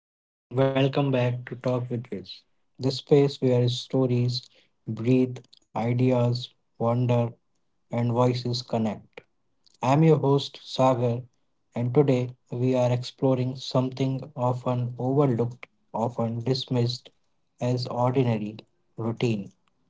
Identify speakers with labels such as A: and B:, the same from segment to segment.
A: Hello and welcome back to Talk with Viz, the space where stories breathe, ideas wander, and voices connect. I'm your host Sagar, and today we are exploring something often overlooked, often dismissed as ordinary routine.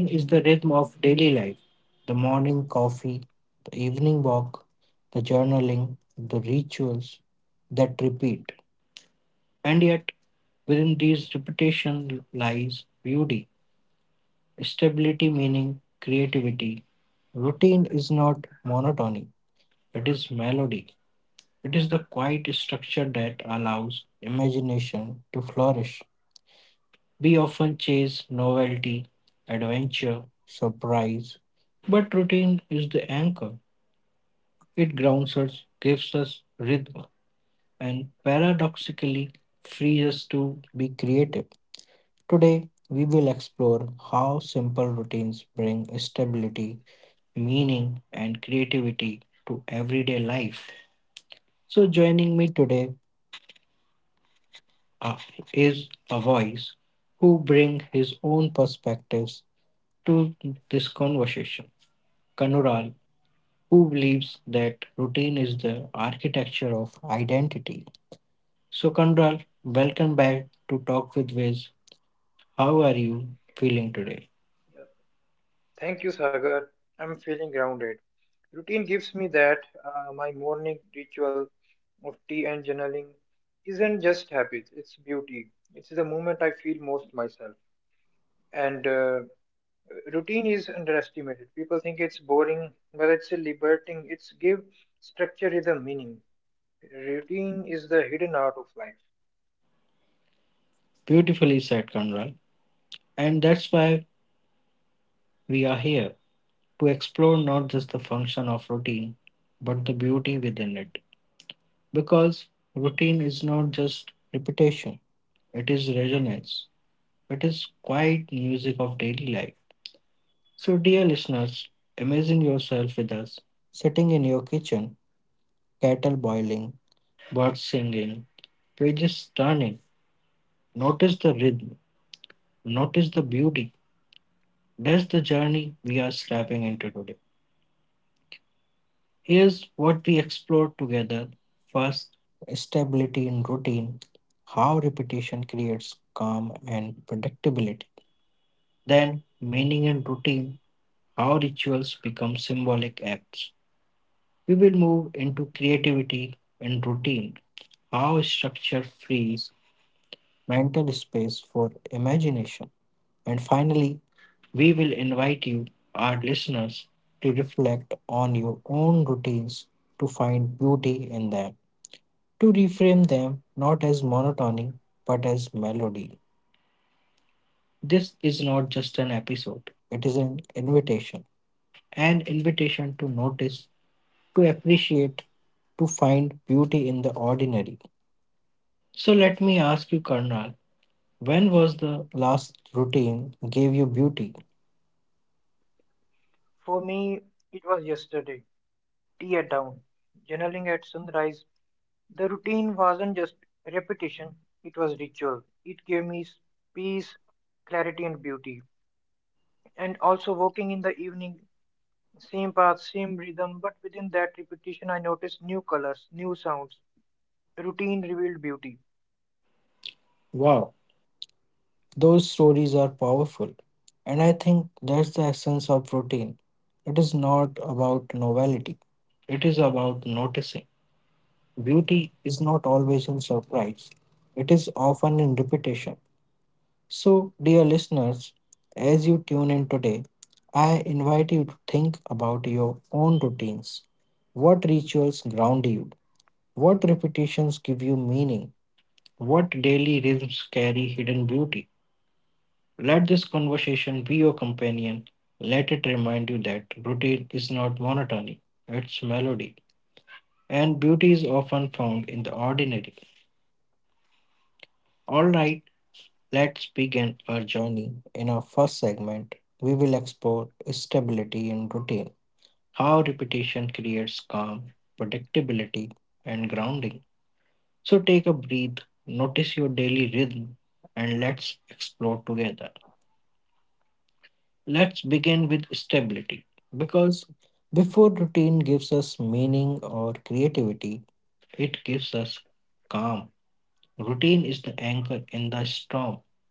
A: Routine is the rhythm of daily life, the morning coffee, the evening walk, the journaling, the rituals that repeat. And yet, within these repetition lies beauty, stability, meaning, creativity. Routine is not monotony, it is melody. It is the quiet structure that allows imagination to flourish. We often chase novelty, adventure, surprise, but routine is the anchor. It grounds us, gives us rhythm, and paradoxically frees us to be creative. Today, we will explore how simple routines bring stability, meaning, and creativity to everyday life. So, joining me today uh, is a voice who brings his own perspectives to this conversation. Kanural, who believes that routine is the architecture of identity. So, Kanural, welcome back to Talk with Viz. How are you feeling today?
B: Yeah. Thank you, Sagar. I'm feeling grounded. Routine gives me that. My morning ritual of tea and journaling isn't just habit, it's beauty. It's the moment I feel most myself. And Routine is underestimated. People think it's boring, but it's liberating. It's give structure rhythm meaning. Routine is the hidden art of life.
A: Beautifully said, Kanural, and that's why we are here to explore not just the function of routine, but the beauty within it. Because routine is not just repetition, it is resonance, it is quiet music of daily life. So, dear listeners, imagine yourself with us, sitting in your kitchen, kettle boiling, birds singing, pages turning. Notice the rhythm, notice the beauty. That's the journey we are stepping into today. Here's what we explored together. First, stability in routine, how repetition creates calm and predictability. Then, meaning in routine, how rituals become symbolic acts. We will move into creativity in routine, how structure frees mental space for imagination. And finally, we will invite you, our listeners, to reflect on your own routines, to find beauty in them, to reframe them not as monotony but as melody. This is not just an episode, it is an invitation to notice, to appreciate, to find beauty in the ordinary. So let me ask you, Karnal, when was the last routine gave you beauty?
B: For me, it was yesterday. Tea at dawn, journaling at sunrise. The routine wasn't just repetition, it was ritual. It gave me peace, clarity, and beauty. And also, walking in the evening, same path, same rhythm, but within that repetition, I noticed new colors, new sounds. Routine revealed beauty.
A: Wow, those stories are powerful. And I think that's the essence of routine. It is not about novelty, it is about noticing. Beauty is not always in surprise, it is often in repetition. So, dear listeners, as you tune in today, I invite you to think about your own routines. What rituals ground you? What repetitions give you meaning? What daily rhythms carry hidden beauty? Let this conversation be your companion. Let it remind you that routine is not monotony, it's melody. And beauty is often found in the ordinary. All right. Let's begin our journey. In our first segment, we will explore stability in routine, how repetition creates calm, predictability, and grounding. So take a breath, notice your daily rhythm, and let's explore together. Let's begin with stability because before routine gives us meaning or creativity, it gives us calm. Routine is the anchor in the storm,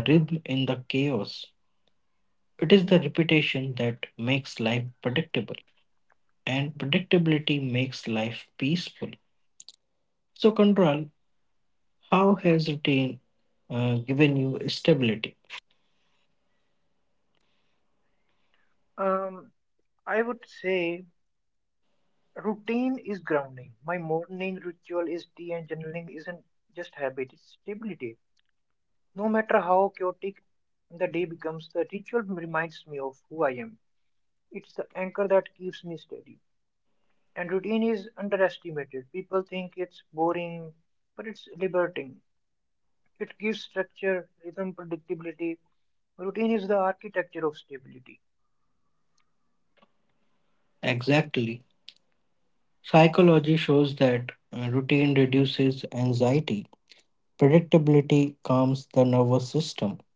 A: the rhythm in the chaos. It is the repetition that makes life predictable, and predictability makes life peaceful. So, Control, how has routine given you stability?
B: Um, I would say routine is grounding. My morning ritual is tea and journaling isn't just habit, it's stability. No matter how chaotic the day becomes, the ritual reminds me of who I am. It's the anchor that keeps me steady. And routine is underestimated. People think it's boring, but it's liberating. It gives structure, rhythm, predictability. Routine is the architecture of stability.
A: Exactly. Psychology shows that routine reduces anxiety, predictability calms the nervous system,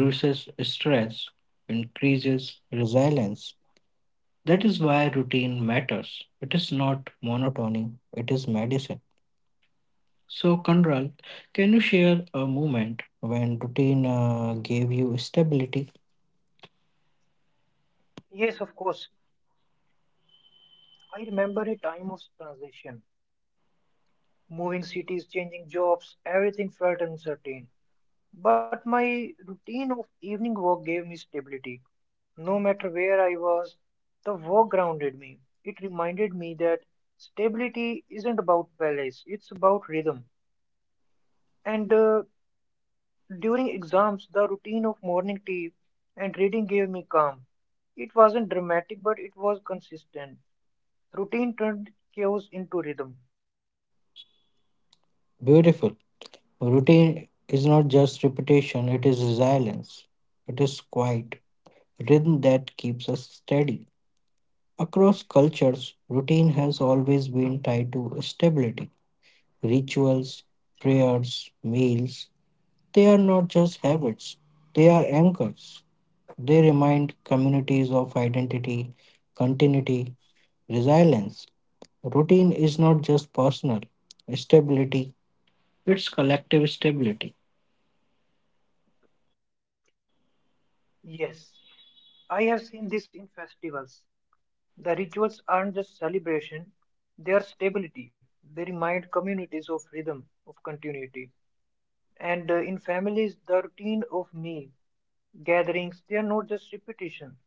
A: reduces stress, increases resilience. That is why routine matters. It is not monotony, it is medicine. So, Kanral, can you share a moment when routine gave you stability?
B: Yes, of course. I remember a time of transition, moving cities, changing jobs, everything felt uncertain. But my routine of evening work gave me stability. No matter where I was, the work grounded me. It reminded me that stability isn't about palace, it's about rhythm. And During exams, the routine of morning tea and reading gave me calm. It wasn't dramatic, but it was consistent. Routine turned chaos into rhythm.
A: Beautiful. Routine is not just repetition, it is resilience. It is quiet, rhythm that keeps us steady. Across cultures, routine has always been tied to stability. Rituals, prayers, meals, they are not just habits, they are anchors. They remind communities of identity, continuity, resilience. Routine is not just personal stability, it's collective stability.
B: Yes, I have seen this in festivals. The rituals aren't just celebration, they are stability. They remind communities of rhythm, of continuity. And In families, the routine of meal gatherings, they are not just repetition,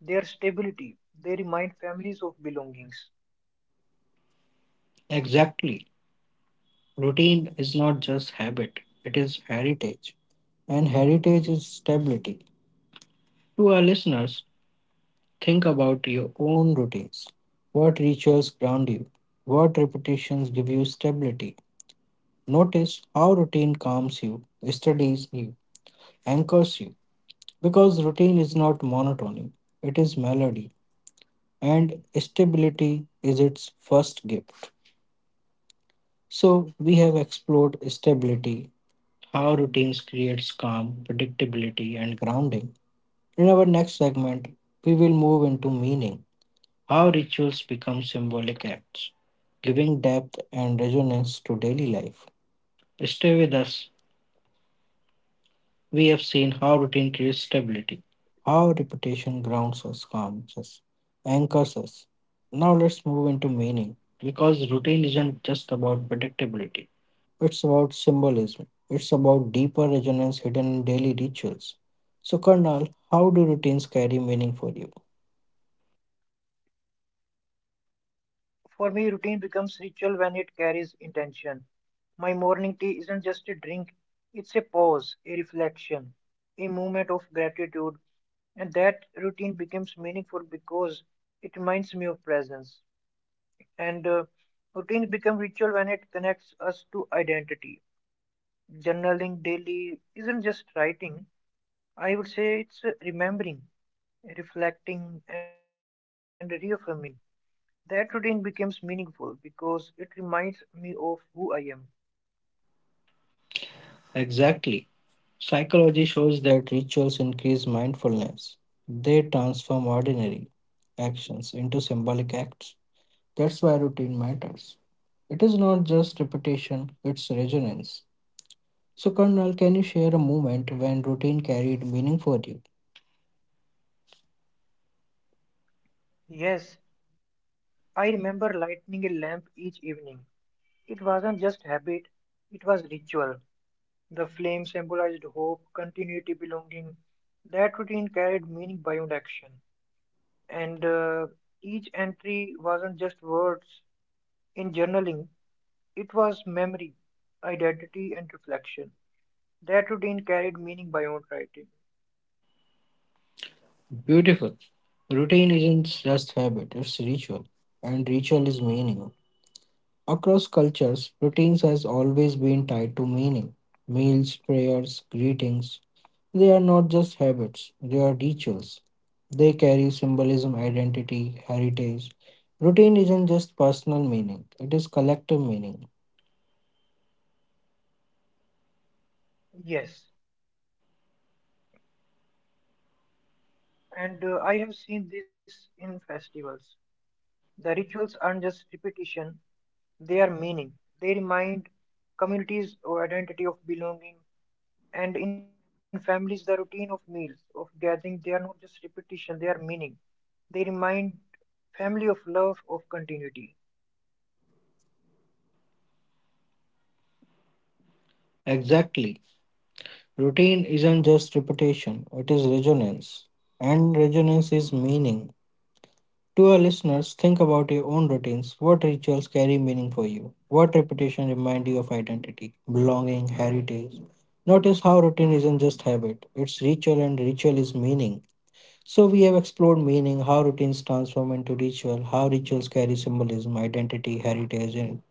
B: they are stability. They remind families of belongings.
A: Exactly. Routine is not just habit, it is heritage. And heritage is stability. To our listeners, think about your own routines. What rituals ground you? What repetitions give you stability? Notice how routine calms you, steadies you, anchors you. Because routine is not monotony, it is melody, and stability is its first gift. So, we have explored stability, how routines creates calm, predictability, and grounding. In our next segment, we will move into meaning, how rituals become symbolic acts, giving depth and resonance to daily life. Stay with us. We have seen how routine creates stability, how repetition grounds us, calms us, anchors us. Now let's move into meaning, because routine isn't just about predictability. It's about symbolism. It's about deeper resonance hidden in daily rituals. So, Karnal, how do routines carry meaning for you?
B: For me, routine becomes ritual when it carries intention. My morning tea isn't just a drink, it's a pause, a reflection, a moment of gratitude. And that routine becomes meaningful because it reminds me of presence. And Routines become ritual when it connects us to identity. Journaling daily isn't just writing, I would say it's remembering, reflecting, and reaffirming. That routine becomes meaningful because it reminds me of who I am.
A: Exactly. Psychology shows that rituals increase mindfulness. They transform ordinary actions into symbolic acts. That's why routine matters. It is not just repetition, it's resonance. So, Karnal, can you share a moment when routine carried meaning for you?
B: Yes, I remember lighting a lamp each evening. It wasn't just habit, it was ritual. The flame symbolized hope, continuity, belonging. That routine carried meaning beyond action. And Each entry wasn't just words in journaling, it was memory, identity, and reflection. That routine carried meaning beyond writing.
A: Beautiful. Routine isn't just habit, it's ritual, and ritual is meaning. Across cultures, routines has always been tied to meaning. Meals, prayers, greetings, they are not just habits, they are rituals. They carry symbolism, identity, heritage. Routine isn't just personal meaning, it is collective meaning.
B: Yes. and I have seen this in festivals. The rituals aren't just repetition, they are meaning. They remind communities of identity, of belonging. And in families, the routine of meals, of gathering, they are not just repetition, they are meaning. They remind family of love, of continuity.
A: Exactly. Routine isn't just repetition, it is resonance. And resonance is meaning. To our listeners, think about your own routines. What rituals carry meaning for you? What repetition remind you of identity, belonging, heritage? Notice how routine isn't just habit, it's ritual and ritual is meaning. So we have explored meaning, how routines transform into ritual, how rituals carry symbolism, identity, heritage, and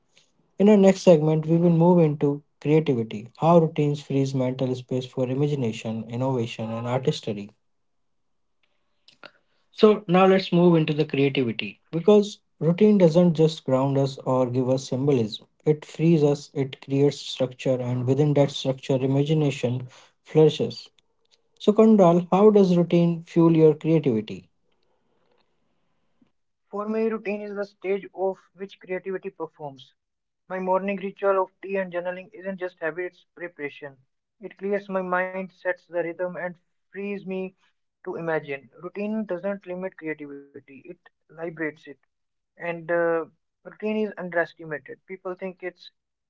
A: in our next segment we will move into creativity, how routines frees mental space for imagination, innovation, and artistry. So now let's move into the creativity because routine doesn't just ground us or give us symbolism. It frees us, it creates structure, and within that structure, imagination flourishes. So, Kondal, how does routine fuel your creativity?
B: For me, routine is the stage of which creativity performs. My morning ritual of tea and journaling isn't just habit, it's preparation. It clears my mind, sets the rhythm, and frees me to imagine. Routine doesn't limit creativity, it liberates it. And Routine is underestimated. People think it's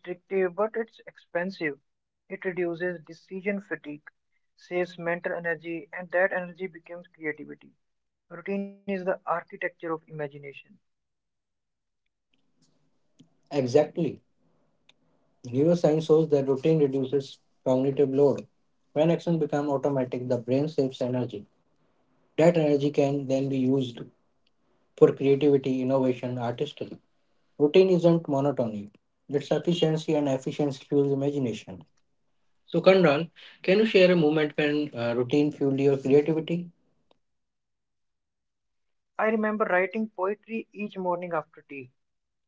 B: restrictive, but it's expensive. It reduces decision fatigue, saves mental energy, and that energy becomes creativity. Routine is the architecture of imagination.
A: Exactly. Neuroscience shows that routine reduces cognitive load. When actions become automatic, the brain saves energy. That energy can then be used for creativity, innovation, artistry. Routine isn't monotony. It's efficiency and efficiency fuels imagination. So Kanran, can you share a moment when routine fueled your creativity?
B: I remember writing poetry each morning after tea.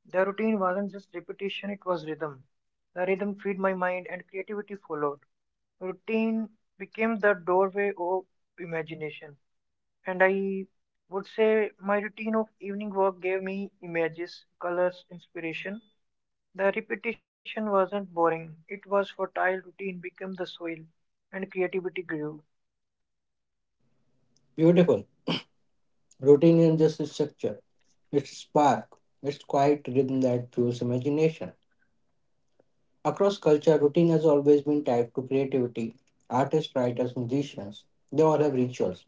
B: The routine wasn't just repetition, it was rhythm. The rhythm fed my mind and creativity followed. Routine became the doorway of imagination. And I would say my routine of evening work gave me images, colors, inspiration. The repetition wasn't boring, it was fertile. Routine became the soil, and creativity grew.
A: Beautiful. Routine isn't just a structure. It's a spark. It's quiet rhythm that fuels imagination. Across culture, routine has always been tied to creativity. Artists, writers, musicians, they all have rituals.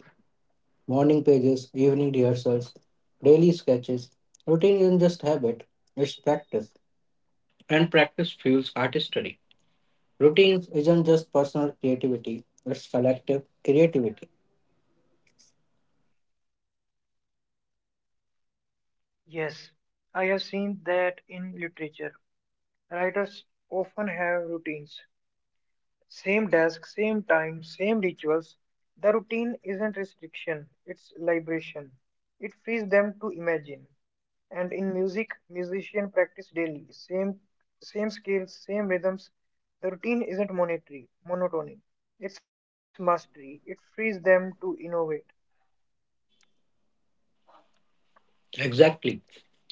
A: Morning pages, evening rehearsals, daily sketches. Routine isn't just habit, it's practice. And practice fuels artistry. Routines isn't just personal creativity, it's collective creativity.
B: Yes, I have seen that in literature. Writers often have routines. Same desk, same time, same rituals. The routine isn't restriction, it's liberation. It frees them to imagine. And in music, musicians practice daily. Same scales, same rhythms. The routine isn't monotony. It's mastery. It frees them to innovate.
A: Exactly.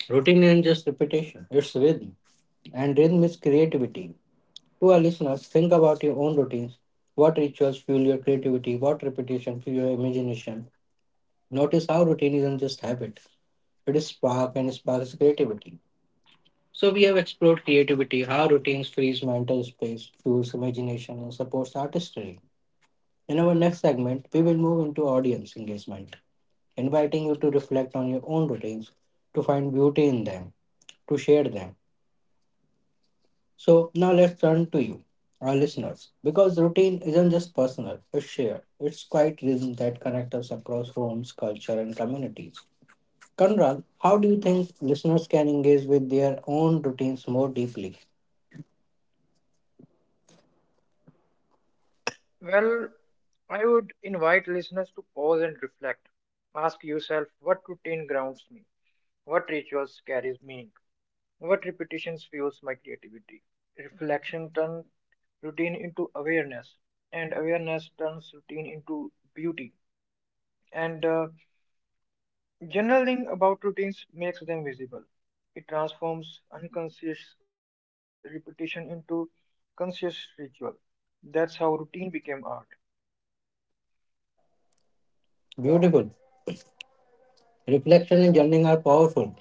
A: Routine isn't just repetition, it's rhythm. And rhythm is creativity. To our listeners, think about your own routines. What rituals fuel your creativity? What repetition fuel your imagination? Notice how routine isn't just habit, it is spark and sparks creativity. So we have explored creativity, how routines frees mental space, fuels imagination, and supports artistry. In our next segment, we will move into audience engagement, inviting you to reflect on your own routines, to find beauty in them, to share them. So now let's turn to you, our listeners, because routine isn't just personal, it's shared. It's quite rhythm that connects us across homes, culture, and communities. Conrad, how do you think listeners can engage with their own routines more deeply?
B: Well, I would invite listeners to pause and reflect. Ask yourself what routine grounds me, what rituals carries meaning, what repetitions fuels my creativity. Reflection turns routine into awareness, and awareness turns routine into beauty. And Journaling about routines makes them visible. It transforms unconscious repetition into conscious ritual. That's how routine became art.
A: Beautiful. Reflection and journaling are powerful.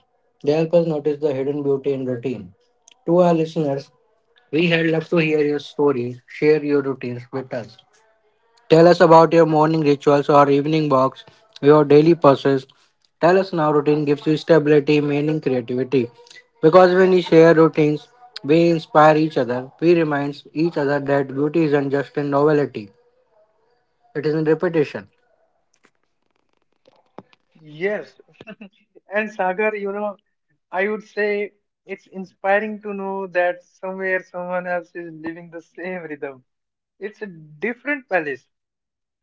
A: They help us notice the hidden beauty in routine. To our listeners, we had love to hear your stories. Share your routines with us. Tell us about your morning rituals or evening walks, your daily process. Tell us now routine gives you stability, meaning, creativity. Because when we share routines, we inspire each other. We remind each other that beauty isn't just in novelty, it is in repetition.
B: Yes. And Sagar, you know, I would say it's inspiring to know that somewhere someone else is living the same rhythm. It's a different palace,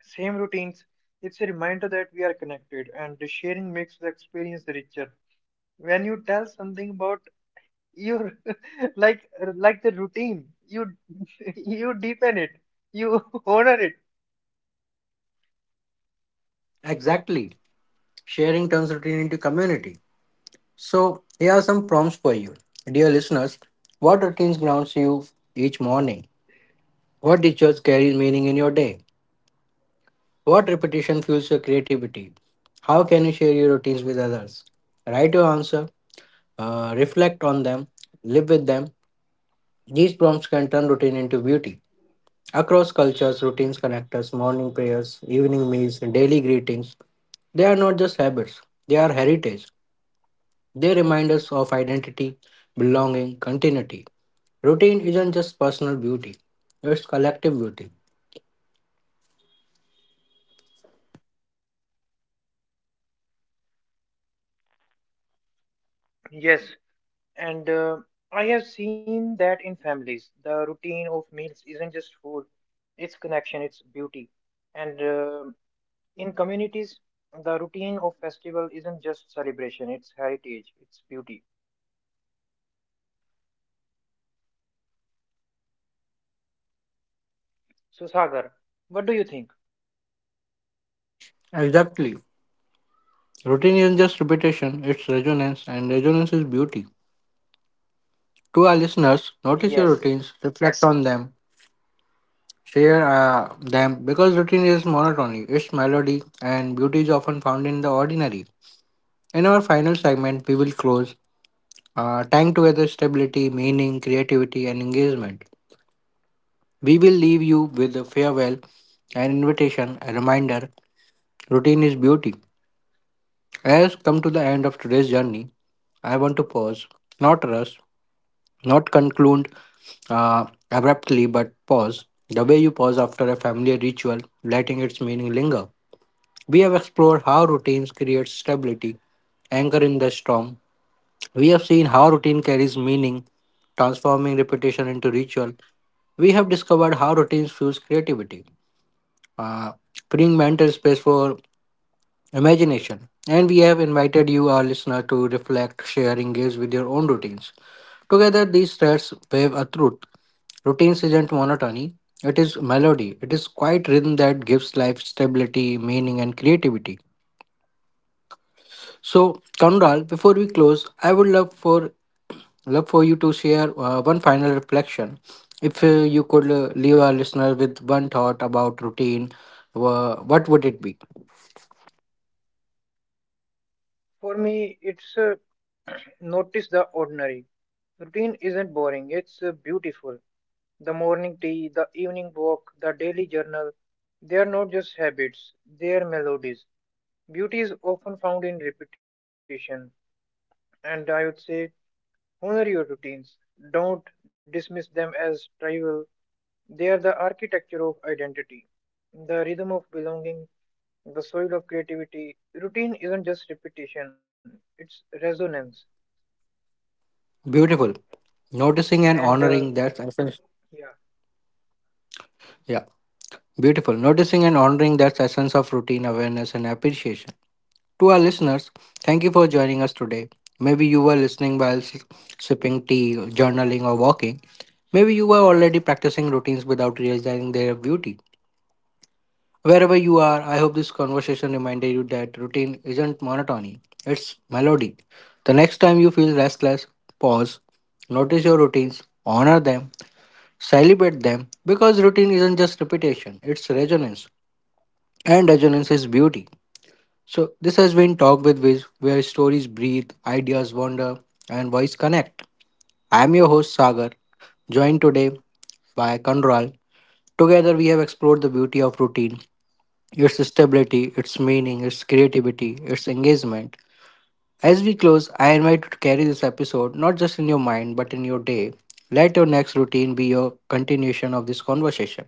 B: same routines. It's a reminder that we are connected, and the sharing makes the experience richer. When you tell something about your like like the routine, you you deepen it, you honor it.
A: Exactly. Sharing turns routine into community. So, here are some prompts for you. Dear listeners, what routines grounds you each morning? What rituals carry meaning in your day? What repetition fuels your creativity? How can you share your routines with others? Write your answer, reflect on them, live with them. These prompts can turn routine into beauty. Across cultures, routines connect us morning prayers, evening meals, and daily greetings. They are not just habits, they are heritage. They remind us of identity, belonging, continuity. Routine isn't just personal beauty, it's collective beauty.
B: Yes. And I have seen that in families, the routine of meals isn't just food, it's connection, it's beauty. And In communities, the routine of festival isn't just celebration, it's heritage, it's beauty. So, Sagar, what do you think?
A: Exactly. Routine isn't just repetition, it's resonance, and resonance is beauty. To our listeners, notice your
B: Yes,
A: routines, reflect on them, share them because routine is monotony, its melody and beauty is often found in the ordinary. In our final segment, we will close, tying together stability, meaning, creativity, and engagement. We will leave you with a farewell, an invitation, a reminder, routine is beauty. As come to the end of today's journey, I want to pause, not rush, not conclude abruptly, but pause. The way you pause after a family ritual, letting its meaning linger. We have explored how routines create stability, anchor in the storm. We have seen how routine carries meaning, transforming repetition into ritual. We have discovered how routines fuse creativity, uh, freeing mental space for imagination. And we have invited you, our listener, to reflect, share, engage with your own routines. Together, these threads wave a truth. Routines isn't monotony, it is melody. It is quiet rhythm that gives life stability, meaning, and creativity. So, Kanral, before we close, I would love for you to share one final reflection. If you could leave our listener with one thought about routine, what would it be?
B: for me, it's notice the ordinary. Routine isn't boring, it's beautiful. The morning tea, the evening walk, the daily journal, they are not just habits, they are melodies. Beauty is often found in repetition, and I would say honor your routines. Don't dismiss them as trivial. They are the architecture of identity, the rhythm of belonging, the soil of creativity. Routine isn't just repetition, it's resonance.
A: Beautiful. Noticing and
B: And uh,
A: honoring, that's essence.
B: yeah,
A: Yeah, beautiful. Noticing and honoring, that's essence of routine, awareness and appreciation. To our listeners, thank you for joining us today. Maybe you were listening while sipping tea, journaling, or walking. Maybe you were already practicing routines without realizing their beauty. Wherever you are, I hope this conversation reminded you that routine isn't monotony, it's melody. The next time you feel restless, pause, notice your routines, honor them, celebrate them, because routine isn't just repetition, it's resonance. And resonance is beauty. So, this has been Talk with Viz, where stories breathe, ideas wander, and voice connect. I am your host, Sagar, joined today by Kanral. Together, we have explored the beauty of routine, its stability, its meaning, its creativity, its engagement. As we close, I invite you to carry this episode not just in your mind but in your day. Let your next routine be your continuation of this conversation.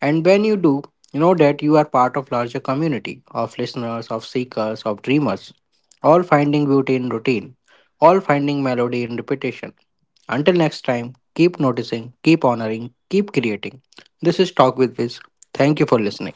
A: And when you do, you know that you are part of larger community of listeners, of seekers, of dreamers, all finding beauty in routine, all finding melody in repetition. Until next time, keep noticing, keep honoring, keep creating. This is Talk with Viz. Thank you for listening.